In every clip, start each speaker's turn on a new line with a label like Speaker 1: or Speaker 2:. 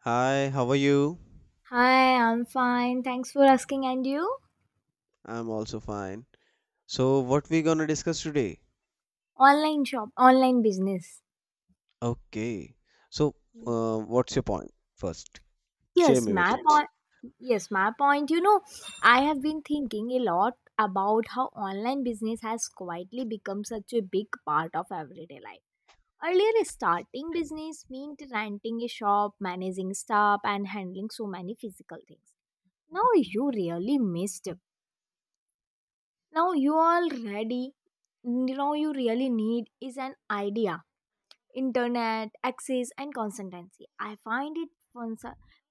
Speaker 1: Hi, how are you?
Speaker 2: Hi, I'm fine. Thanks for asking. And you?
Speaker 1: I'm also fine. So, what we gonna discuss today?
Speaker 2: Online shop, online business.
Speaker 1: Okay. So, what's your point first? Share
Speaker 2: Yes,
Speaker 1: me with
Speaker 2: my
Speaker 1: it.
Speaker 2: point. Yes, my point. You know, I have been thinking a lot about how online business has quietly become such a big part of everyday life. Earlier, starting business meant renting a shop, managing staff, and handling so many physical things. Now you really missed. Now you already, Now you really need is an idea, internet access, and consistency. I find it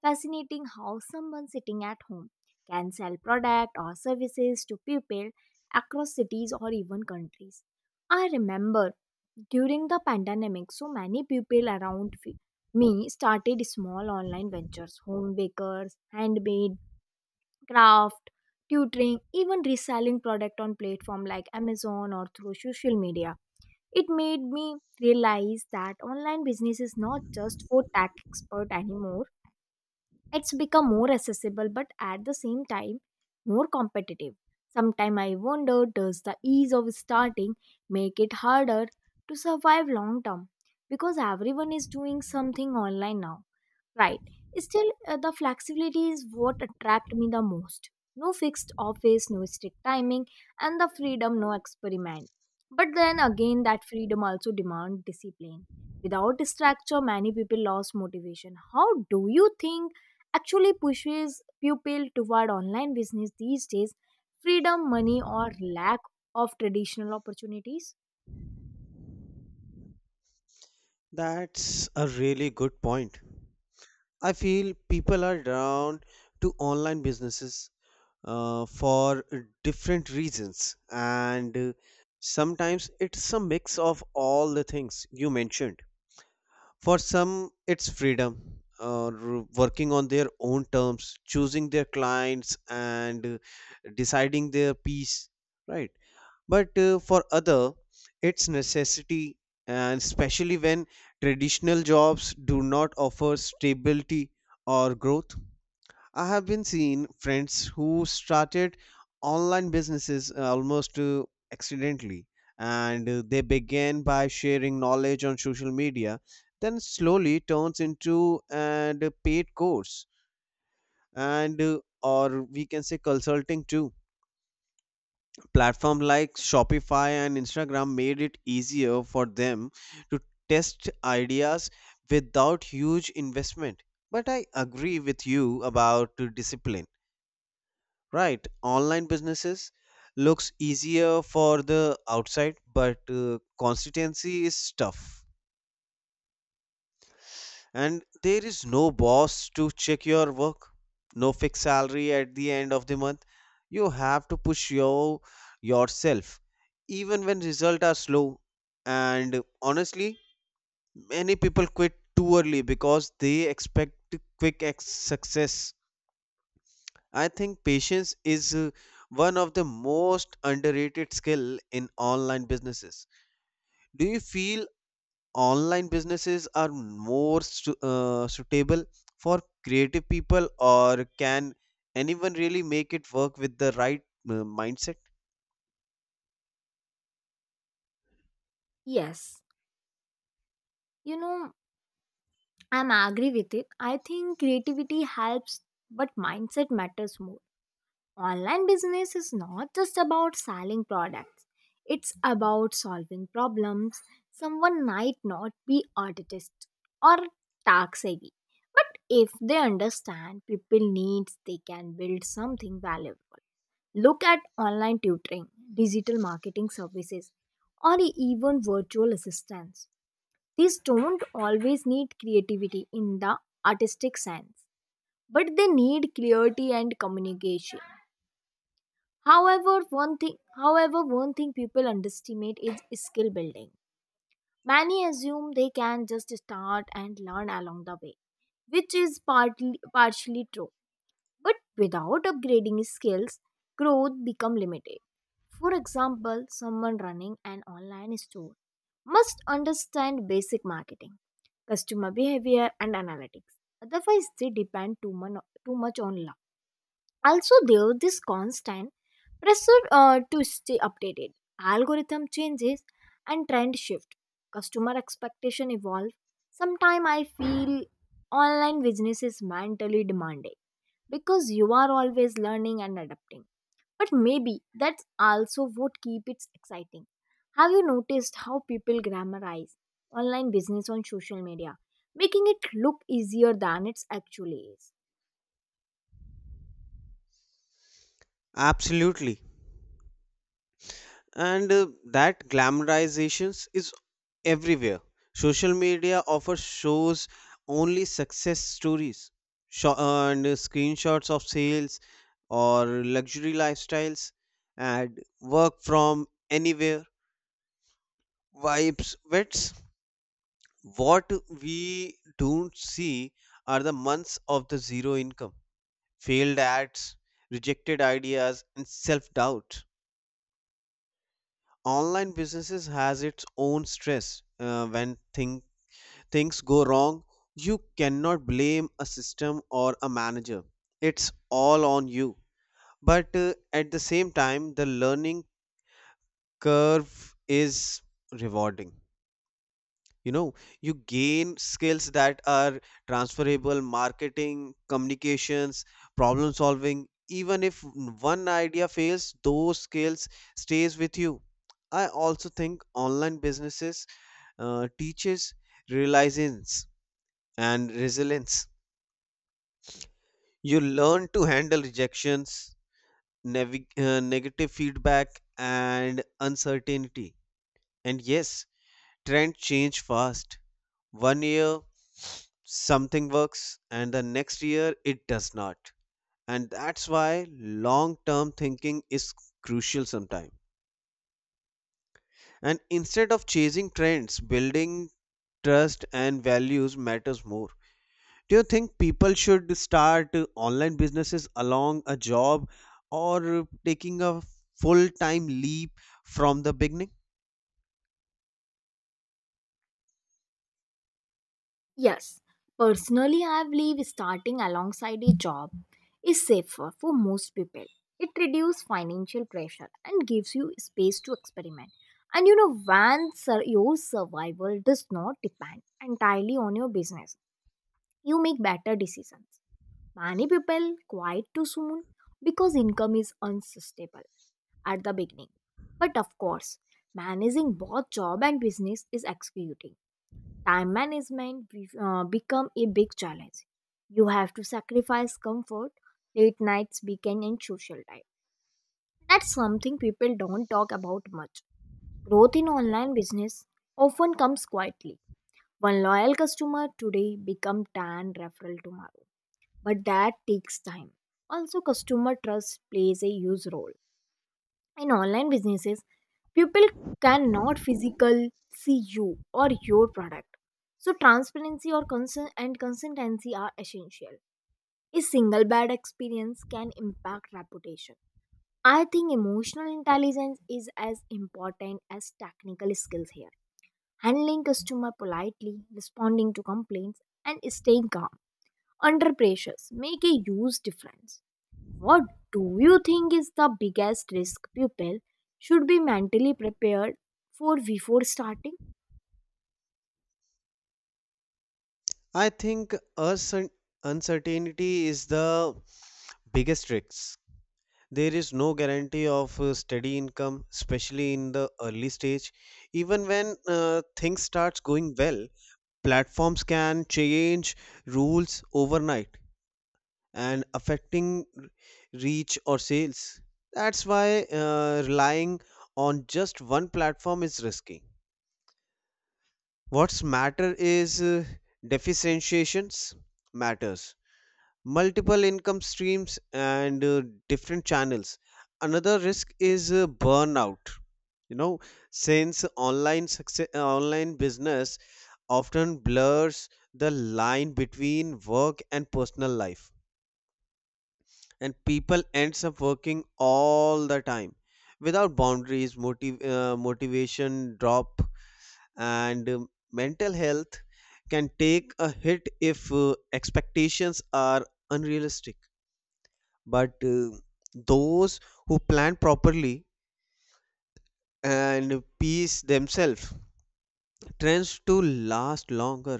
Speaker 2: fascinating how someone sitting at home can sell product or services to people across cities or even countries. I remember during the pandemic so many people around me started small online ventures, home bakers, handmade craft, tutoring, even reselling product on platform like Amazon or through social media. It made me realize that online business is not just for tech expert anymore. It's become more accessible but at the same time more competitive. Sometimes I wonder, does the ease of starting make it harder to survive long term because everyone is doing something online now? Right. Still, the flexibility is what attracted me the most. No fixed office, no strict timing, and the freedom, no experiment. But then again, that freedom also demands discipline. Without structure, many people lose motivation. How do you think actually pushes people toward online business these days? Freedom, money, or lack of traditional opportunities?
Speaker 1: That's a really good point. I feel people are drawn to online businesses for different reasons, and sometimes it's a mix of all the things you mentioned. For some, it's freedom, working on their own terms, choosing their clients, and deciding their piece, right? But for other, it's necessity, and especially when traditional jobs do not offer stability or growth. I have been seeing friends who started online businesses almost accidentally, and they began by sharing knowledge on social media, then slowly turns into and paid course, and or we can say consulting too. Platform like Shopify and Instagram made it easier for them to test ideas without huge investment. But I agree with you about discipline. Right, online businesses looks easier for the outside, but consistency is tough. And there is no boss to check your work, no fixed salary at the end of the month. You have to push yourself, even when results are slow. And honestly, many people quit too early because they expect quick success. I think patience is one of the most underrated skill in online businesses. Do you feel online businesses are more suitable for creative people or can anyone really make it work with the right uh, mindset?
Speaker 2: Yes. You know, I'm agree with it. I think creativity helps, but mindset matters more. Online business is not just about selling products. It's about solving problems. Someone might not be artist or tax savvy, but if they understand people needs, they can build something valuable. Look at online tutoring, digital marketing services, or even virtual assistants. These don't always need creativity in the artistic sense, but they need clarity and communication. However, one thing people underestimate is skill building. Many assume they can just start and learn along the way, which is partly partially true, but without upgrading skills, growth become limited. For example, someone running an online store must understand basic marketing, customer behavior, and analytics. Otherwise, they depend too much on luck. Also, there is this constant pressure to stay updated. Algorithm changes and trend shift. Customer expectation evolve. Sometimes I feel online business is mentally demanding because you are always learning and adapting. But maybe that's also what keeps it exciting. Have you noticed how people grammarize online business on social media, making it look easier than it actually is?
Speaker 1: Absolutely. And that glamorizations is everywhere. Social media offers shows only success stories and screenshots of sales or luxury lifestyles and work from anywhere vibes. What we don't see are the months of the zero income, failed ads, rejected ideas, and self doubt. Online businesses has its own stress when things go wrong, you cannot blame a system or a manager. It's all on you. But at the same time, the learning curve is rewarding. You know, you gain skills that are transferable, marketing, communications, problem solving. Even if one idea fails, those skills stays with you. I also think online businesses teaches resilience and resilience You learn to handle rejections, negative feedback, and uncertainty. And yes, trends change fast. One year something works, and the next year it does not. And that's why long term thinking is crucial sometimes. And instead of chasing trends, building trust and values matters more. Do you think people should start online businesses along a job or taking a full time leap from the beginning?
Speaker 2: Yes, personally, I believe starting alongside a job is safer for most people. It reduces financial pressure and gives you space to experiment. And your survival does not depend entirely on your business, you make better decisions. Many people quit too soon because income is unsustainable at the beginning. But of course, managing both job and business is executing. Time management become a big challenge. You have to sacrifice comfort, late nights, weekend, and social life. That's something people don't talk about much. Growth in online business often comes quietly. One loyal customer today become 10 referral tomorrow, but that takes time. Also, customer trust plays a huge role. In online businesses, people cannot physically see you or your product. So, transparency or consent and consistency are essential. A single bad experience can impact reputation. I think emotional intelligence is as important as technical skills here. Handling customer politely, responding to complaints, and staying calm under pressures make a huge difference. What do you think is the biggest risk people should be mentally prepared for before starting?
Speaker 1: I think uncertainty is the biggest risk. There is no guarantee of steady income, especially in the early stage. Even when things starts going well, platforms can change rules overnight and affecting reach or sales. That's why relying on just one platform is risky. What's matter is differentiations matters. Multiple income streams and different channels. Another risk is burnout. You know, since online success, online business often blurs the line between work and personal life and people ends up working all the time without boundaries motivation drop, and mental health can take a hit if expectations are unrealistic, but those who plan properly and pace themselves tends to last longer.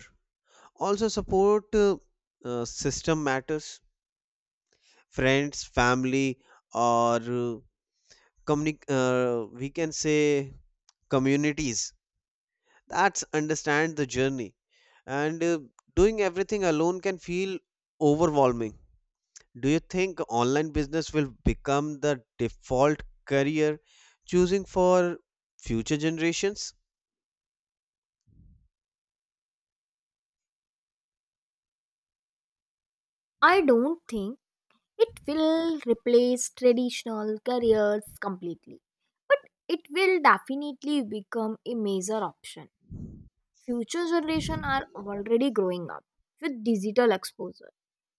Speaker 1: Also support system matters, friends family, or we can say communities. That's understand the journey. And doing everything alone can feel overwhelming. Do you think online business will become the default career choosing for future generations?
Speaker 2: I don't think it will replace traditional careers completely, but it will definitely become a major option. Future generation are already growing up with digital exposure,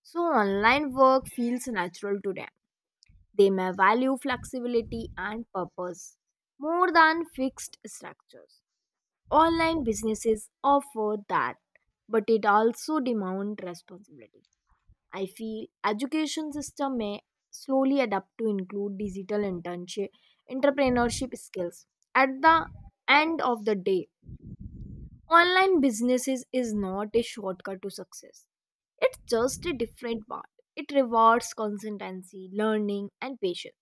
Speaker 2: so online work feels natural to them. They may value flexibility and purpose more than fixed structures. Online businesses offer that, but it also demands responsibility. I feel education system may slowly adapt to include digital internship, entrepreneurship skills. At the end of the day, online businesses is not a shortcut to success. It's just a different path. It rewards consistency, learning, and patience.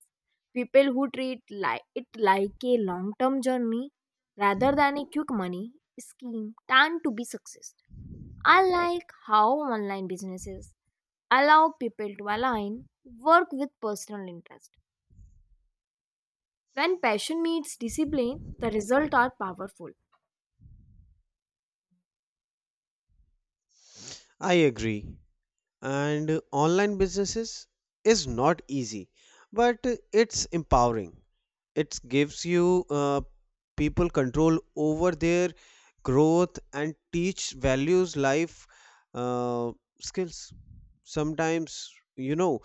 Speaker 2: People who treat it like a long term journey rather than a quick money scheme tend to be success. I like how online businesses allow people to align work with personal interest. When passion meets discipline, the results are powerful.
Speaker 1: I agree. And online businesses is not easy, but it's empowering. It gives you people control over their growth and teach values life uh, skills. Sometimes you know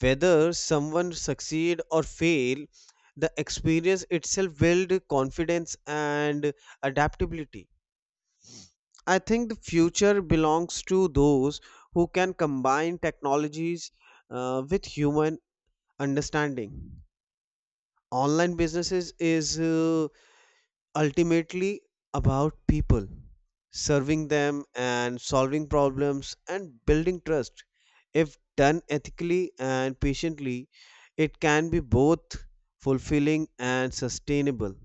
Speaker 1: whether someone succeed or fail, the experience itself build confidence and adaptability. I think the future belongs to those who can combine technologies with human understanding. Online businesses is ultimately about people, serving them and solving problems and building trust. If done ethically and patiently, it can be both fulfilling and sustainable.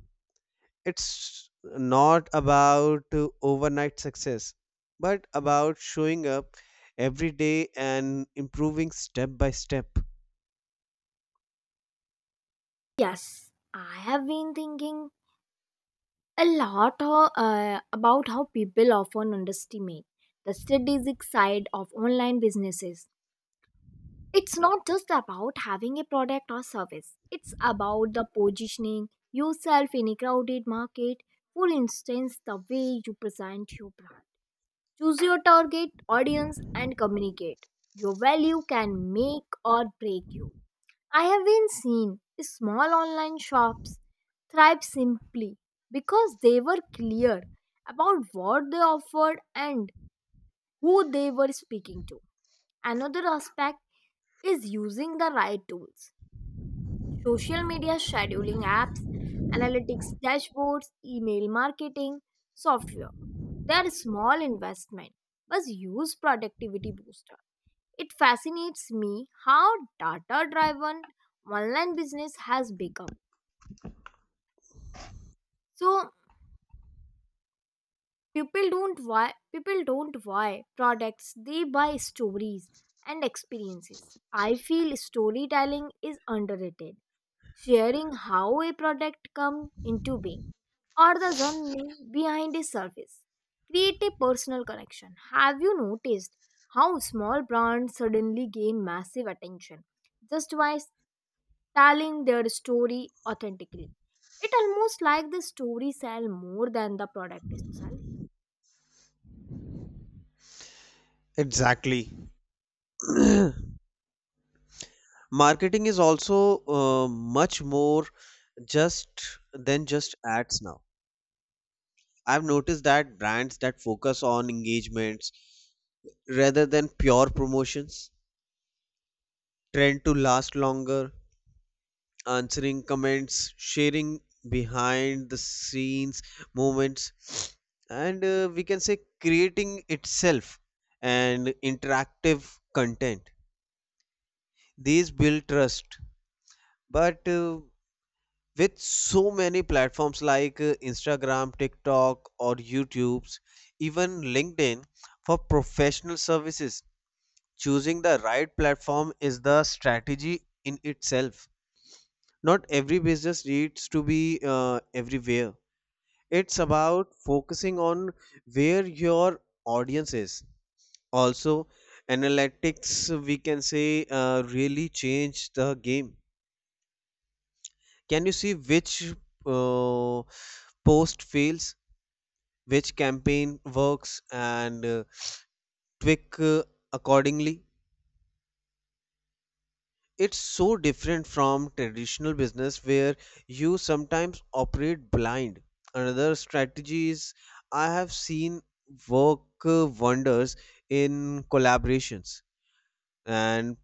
Speaker 1: It's not about overnight success, but about showing up every day and improving step by step.
Speaker 2: Yes, I have been thinking a lot about how people often underestimate the strategic side of online businesses. It's not just about having a product or service, it's about the positioning yourself in a crowded market. For instance, the way you present your brand, choose your target audience, and communicate. Your value can make or break you. I have been seen small online shops thrive simply because they were clear about what they offered and who they were speaking to. Another aspect is using the right tools. Social media scheduling apps, analytics dashboards, email marketing, software. Their small investment was used productivity booster. It fascinates me how data driven online business has become. So people don't buy products, they buy stories and experiences. I feel storytelling is underrated, sharing how a product come into being or the journey behind a service. Create a personal connection. Have you noticed how small brands suddenly gain massive attention just by telling their story authentically? It almost like the story sell more than the product itself.
Speaker 1: Exactly. Marketing is also much more just then just ads now. I've noticed that brands that focus on engagements rather than pure promotions tend to last longer, answering comments, sharing behind the scenes moments, and we can say creating itself and interactive content. These build trust, but with so many platforms like Instagram, TikTok, or YouTube's, even LinkedIn for professional services. Choosing the right platform is the strategy in itself. Not every business needs to be everywhere. It's about focusing on where your audience is. Also, analytics, we can say, really change the game. Can you see which uh, post fails, which campaign works, and tweak accordingly. It's so different from traditional business where you sometimes operate blind. Another strategies I have seen work wonders in collaborations, and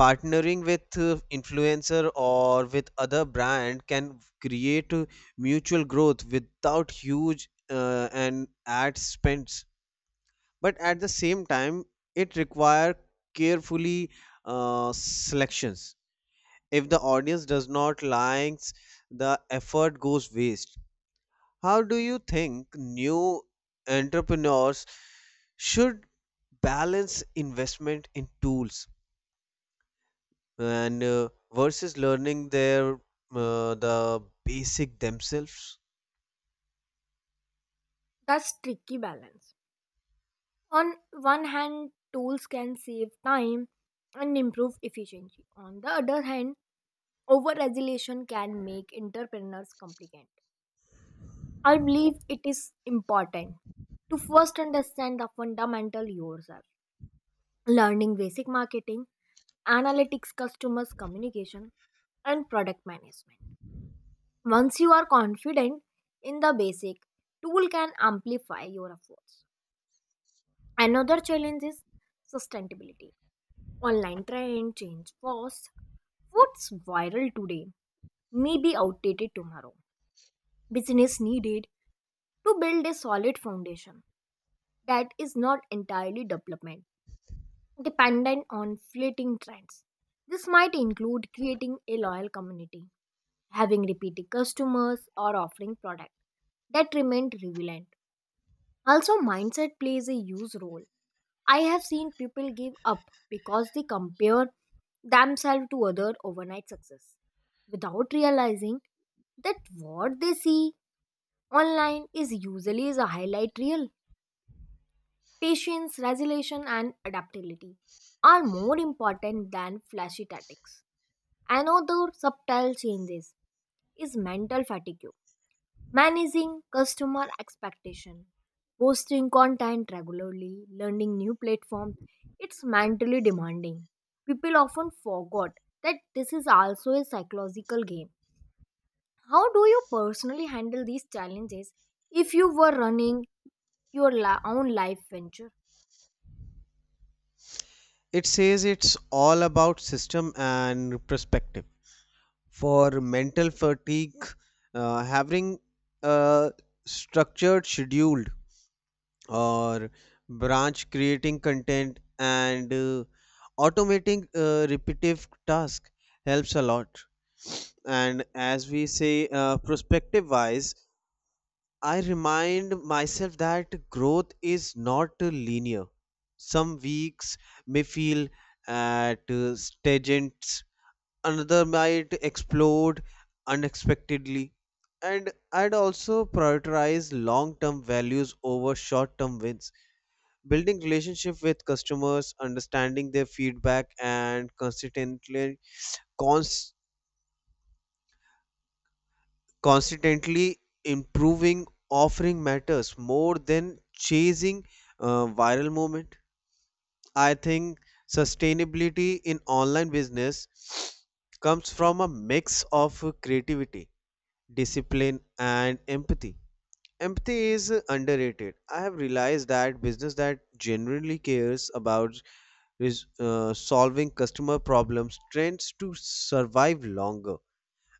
Speaker 1: partnering with influencer or with other brand can create mutual growth without huge and ad spends, but at the same time it require carefully selections. If the audience does not likes, the effort goes waste. How do you think new entrepreneurs should balance investment in tools and versus learning the basic themselves?
Speaker 2: That's tricky balance. On one hand, tools can save time and improve efficiency. On the other hand, over regulation can make entrepreneurs complicated. I believe it is important to first understand the fundamental yourself, learning basic marketing, analytics, customers communication, and product management. Once you are confident in the basic, tool can amplify your efforts. Another challenge is sustainability. Online trend change fast. What's viral today may be outdated tomorrow. Business needed to build a solid foundation that is not entirely development dependent on fleeting trends. This might include creating a loyal community, having repeated customers, or offering products that remain relevant. Also, mindset plays a huge role. I have seen people give up because they compare themselves to other overnight success without realizing that what they see online is usually is a highlight reel. Patience, resilience, and adaptability are more important than flashy tactics. Another subtle changes is mental fatigue. Managing customer expectation, posting content regularly, learning new platforms, it's mentally demanding. People often forgot that this is also a psychological game. How do you personally handle these challenges if you were running your own life venture?
Speaker 1: It says it's all about system and perspective. For mental fatigue, having a structured schedule or branch creating content and automating repetitive task helps a lot. And as we say, perspective wise, I remind myself that growth is not linear. Some weeks may feel at stagnant, another might explode unexpectedly. And I'd also prioritize long term values over short term wins. Building relationship with customers, understanding their feedback, and cons- consistently improving offering matters more than chasing viral moment. I think sustainability in online business comes from a mix of creativity, discipline, and empathy. Empathy is underrated. I have realized that business that genuinely cares about is solving customer problems tends to survive longer.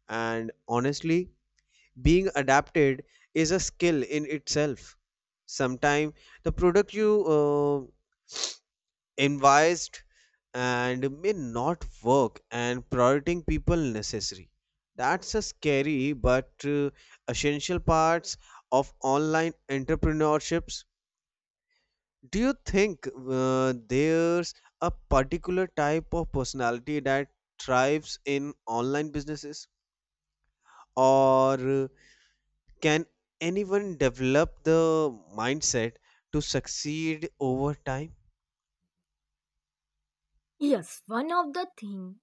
Speaker 1: And honestly, being adapted is a skill in itself. Sometimes the product you envisaged and may not work, and prioritizing people necessary, that's a scary but essential parts of online entrepreneurships. Do you think there's a particular type of personality that thrives in online businesses, or can anyone develop the mindset to succeed over time?
Speaker 2: Yes, one of the things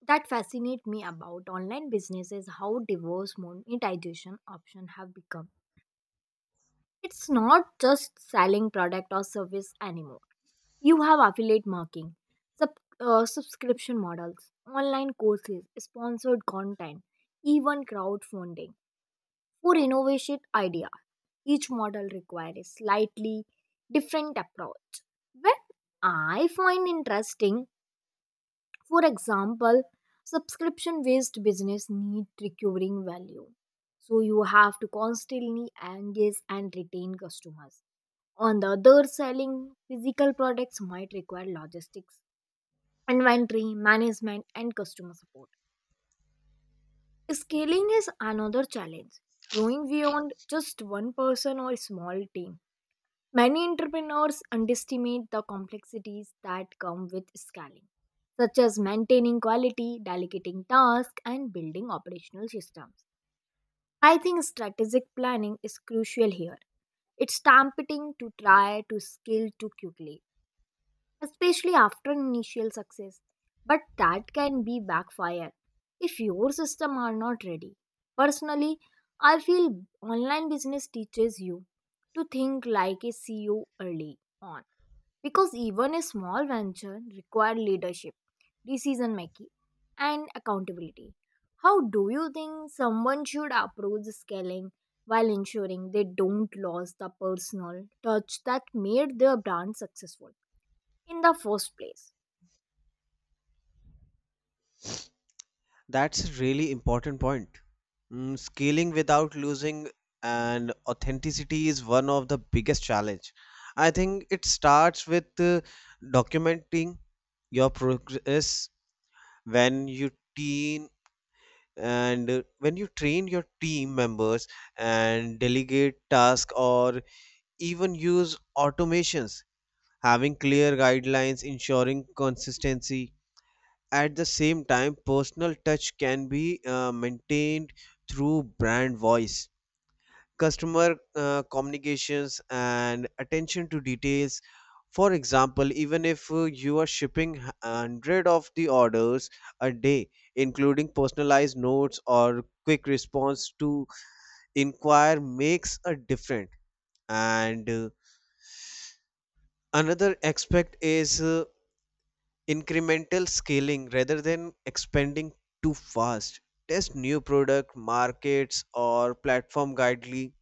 Speaker 2: that fascinate me about online business is how diverse monetization options have become. It's not just selling product or service anymore. You have affiliate marketing, sub, subscription models, online courses, sponsored content, even crowdfunding for innovative idea. Each model requires a slightly different approach. What I find interesting. For example, subscription based business need recurring value. So you have to constantly engage and retain customers. On the other, selling physical products might require logistics, inventory management, and customer support. Scaling is another challenge. Growing beyond just one person or small team. Many entrepreneurs underestimate the complexities that come with scaling, such as maintaining quality, delegating tasks, and building operational systems. I think strategic planning is crucial here. It's tempting to try to scale too quickly, especially after initial success. But that can be backfire if your system are not ready. Personally, I feel online business teaches you to think like a CEO early on because even a small venture require leadership, decision making, and accountability. How do you think someone should approach scaling while ensuring they don't lose the personal touch that made their brand successful in the first place?
Speaker 1: That's a really important point. Scaling without losing and authenticity is one of the biggest challenge. I think it starts with documenting your progress when you teen when you train your team members and delegate tasks or even use automations, having clear guidelines ensuring consistency. At the same time, personal touch can be maintained through brand voice, customer communications, and attention to details. For example, even if you are shipping hundred of the orders a day, including personalized notes or quick response to inquire makes a difference. And another aspect is incremental scaling rather than expanding too fast. Test new product markets or platform guidely.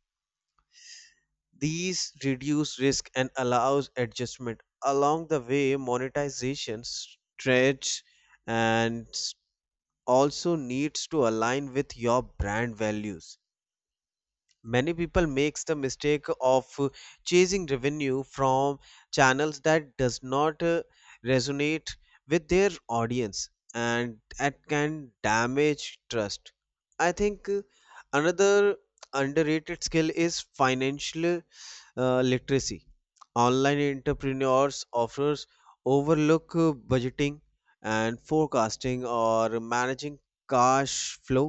Speaker 1: These reduce risk and allows adjustment. Along the way, monetization stretch and also needs to align with your brand values. Many people makes the mistake of chasing revenue from channels that does not resonate with their audience, and that can damage trust. I think another underrated skill is financial literacy. Online entrepreneurs offers overlook budgeting and forecasting or managing cash flow,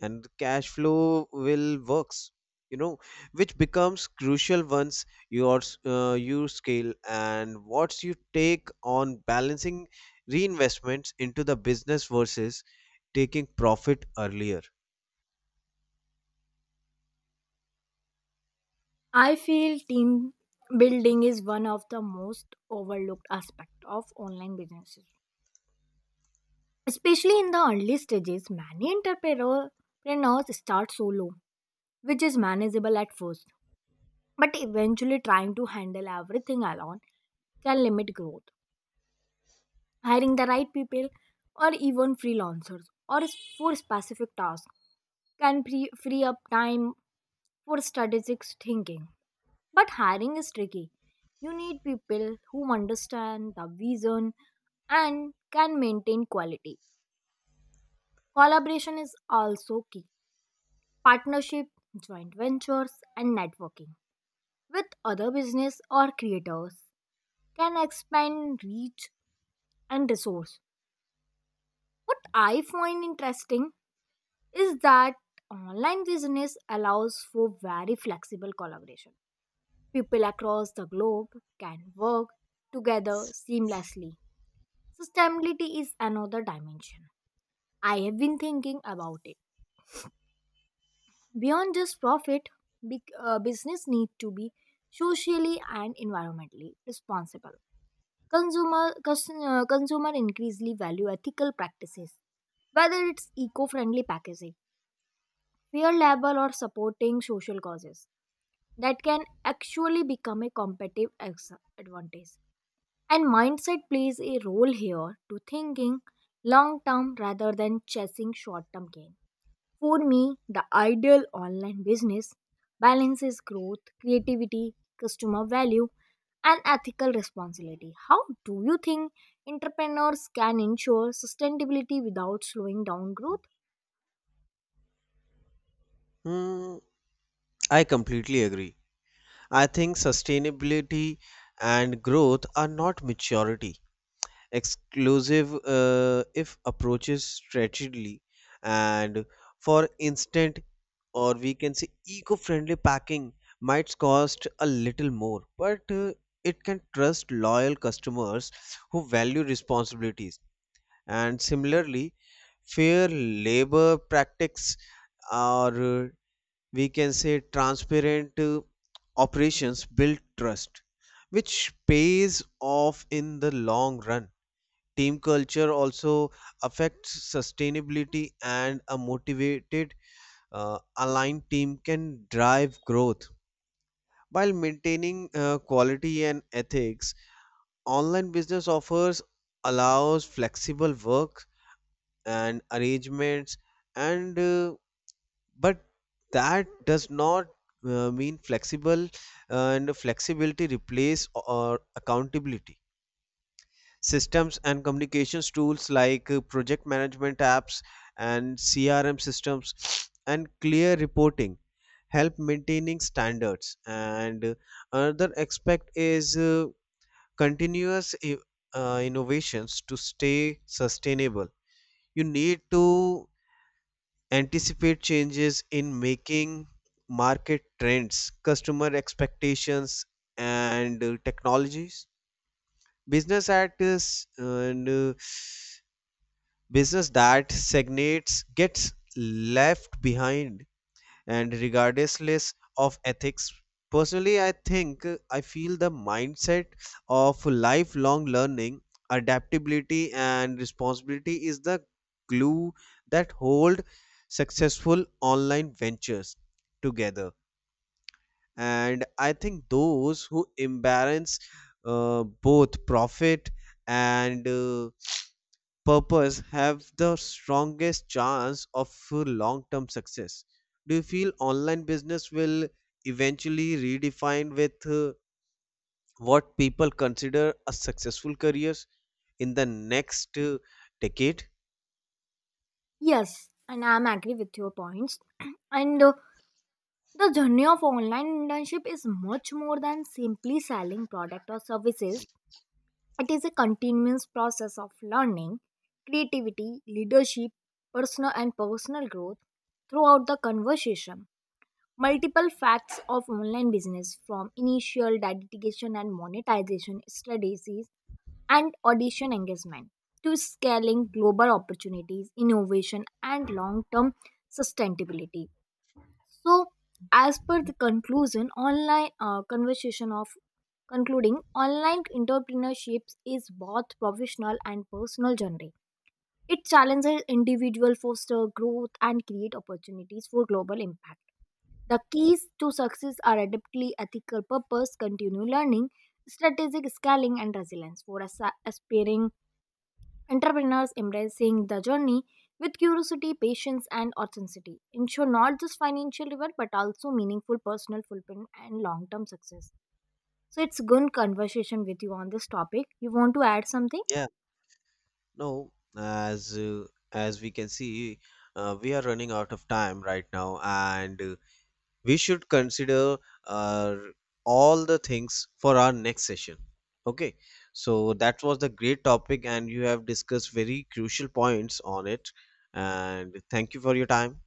Speaker 1: and cash flow will works you know which becomes crucial once you scale. And what you take on balancing reinvestments into the business versus taking profit earlier.
Speaker 2: I feel team building is one of the most overlooked aspect of online businesses. Especially in the early stages, many entrepreneurs start solo, which is manageable at first, but eventually trying to handle everything alone can limit growth. Hiring the right people or even freelancers for specific tasks can free up time for strategic thinking. But hiring is tricky. You need people who understand the vision and can maintain quality. Collaboration is also key. Partnership, joint ventures, and networking with other business or creators can expand reach and resource. What I find interesting is that online business allows for very flexible collaboration. People across the globe can work together seamlessly. Sustainability is another dimension. I have been thinking about it. Beyond just profit, business need to be socially and environmentally responsible. Consumer increasingly value ethical practices, whether it's eco-friendly packaging, fair labor, or supporting social causes that can actually become a competitive advantage. And mindset plays a role here, to thinking long term rather than chasing short term gains. For me, the ideal online business balances growth, creativity, customer value, and ethical responsibility. How do you think entrepreneurs can ensure sustainability without slowing down growth?
Speaker 1: Hmm, I completely agree. I think sustainability and growth are not maturity exclusive if approaches strategically. And for instant, or we can say, eco-friendly packing might cost a little more, but it can trust loyal customers who value responsibilities. And similarly, fair labor practices, or we can say transparent operations build trust, which pays off in the long run. Team culture also affects sustainability, and a motivated, aligned team can drive growth. While maintaining quality and ethics, online business offers allows flexible work and arrangements, and but that does not mean flexible and flexibility replace or accountability systems. And communications tools like project management apps and CRM systems and clear reporting help maintaining standards. And another aspect is continuous innovations. To stay sustainable, you need to anticipate changes in making market trends, customer expectations, and technologies. Business at and Business that stagnates gets left behind, and regardless of ethics, personally I feel the mindset of lifelong learning, adaptability, and responsibility is the glue that hold successful online ventures together. And I think those who embrace both profit and purpose have the strongest chance of long term success. Do you feel online business will eventually redefine with what people consider a successful careers in the next decade?
Speaker 2: Yes, and I'm agree with your points. and The journey of online internship is much more than simply selling product or services. It is a continuous process of learning, creativity, leadership, personal growth throughout the conversation. Multiple facts of online business from initial dedication and monetization strategies and audition engagement to scaling global opportunities, innovation, and long term sustainability. So, as per the conclusion, online conversation of concluding online entrepreneurship is both professional and personal journey. It challenges individual foster growth and create opportunities for global impact. The keys to success are adeptly ethical purpose, continue learning, strategic scaling, and resilience. For aspiring entrepreneurs, embracing the journey with curiosity, patience, and authenticity ensure not just financial reward but also meaningful personal fulfillment and long term success. So, it's good conversation with you on this topic. You want to add something?
Speaker 1: Yeah, no, as as we can see, we are running out of time right now, and we should consider uh, all the things for our next session. Okay. So that was the great topic and you have discussed very crucial points on it, and thank you for your time.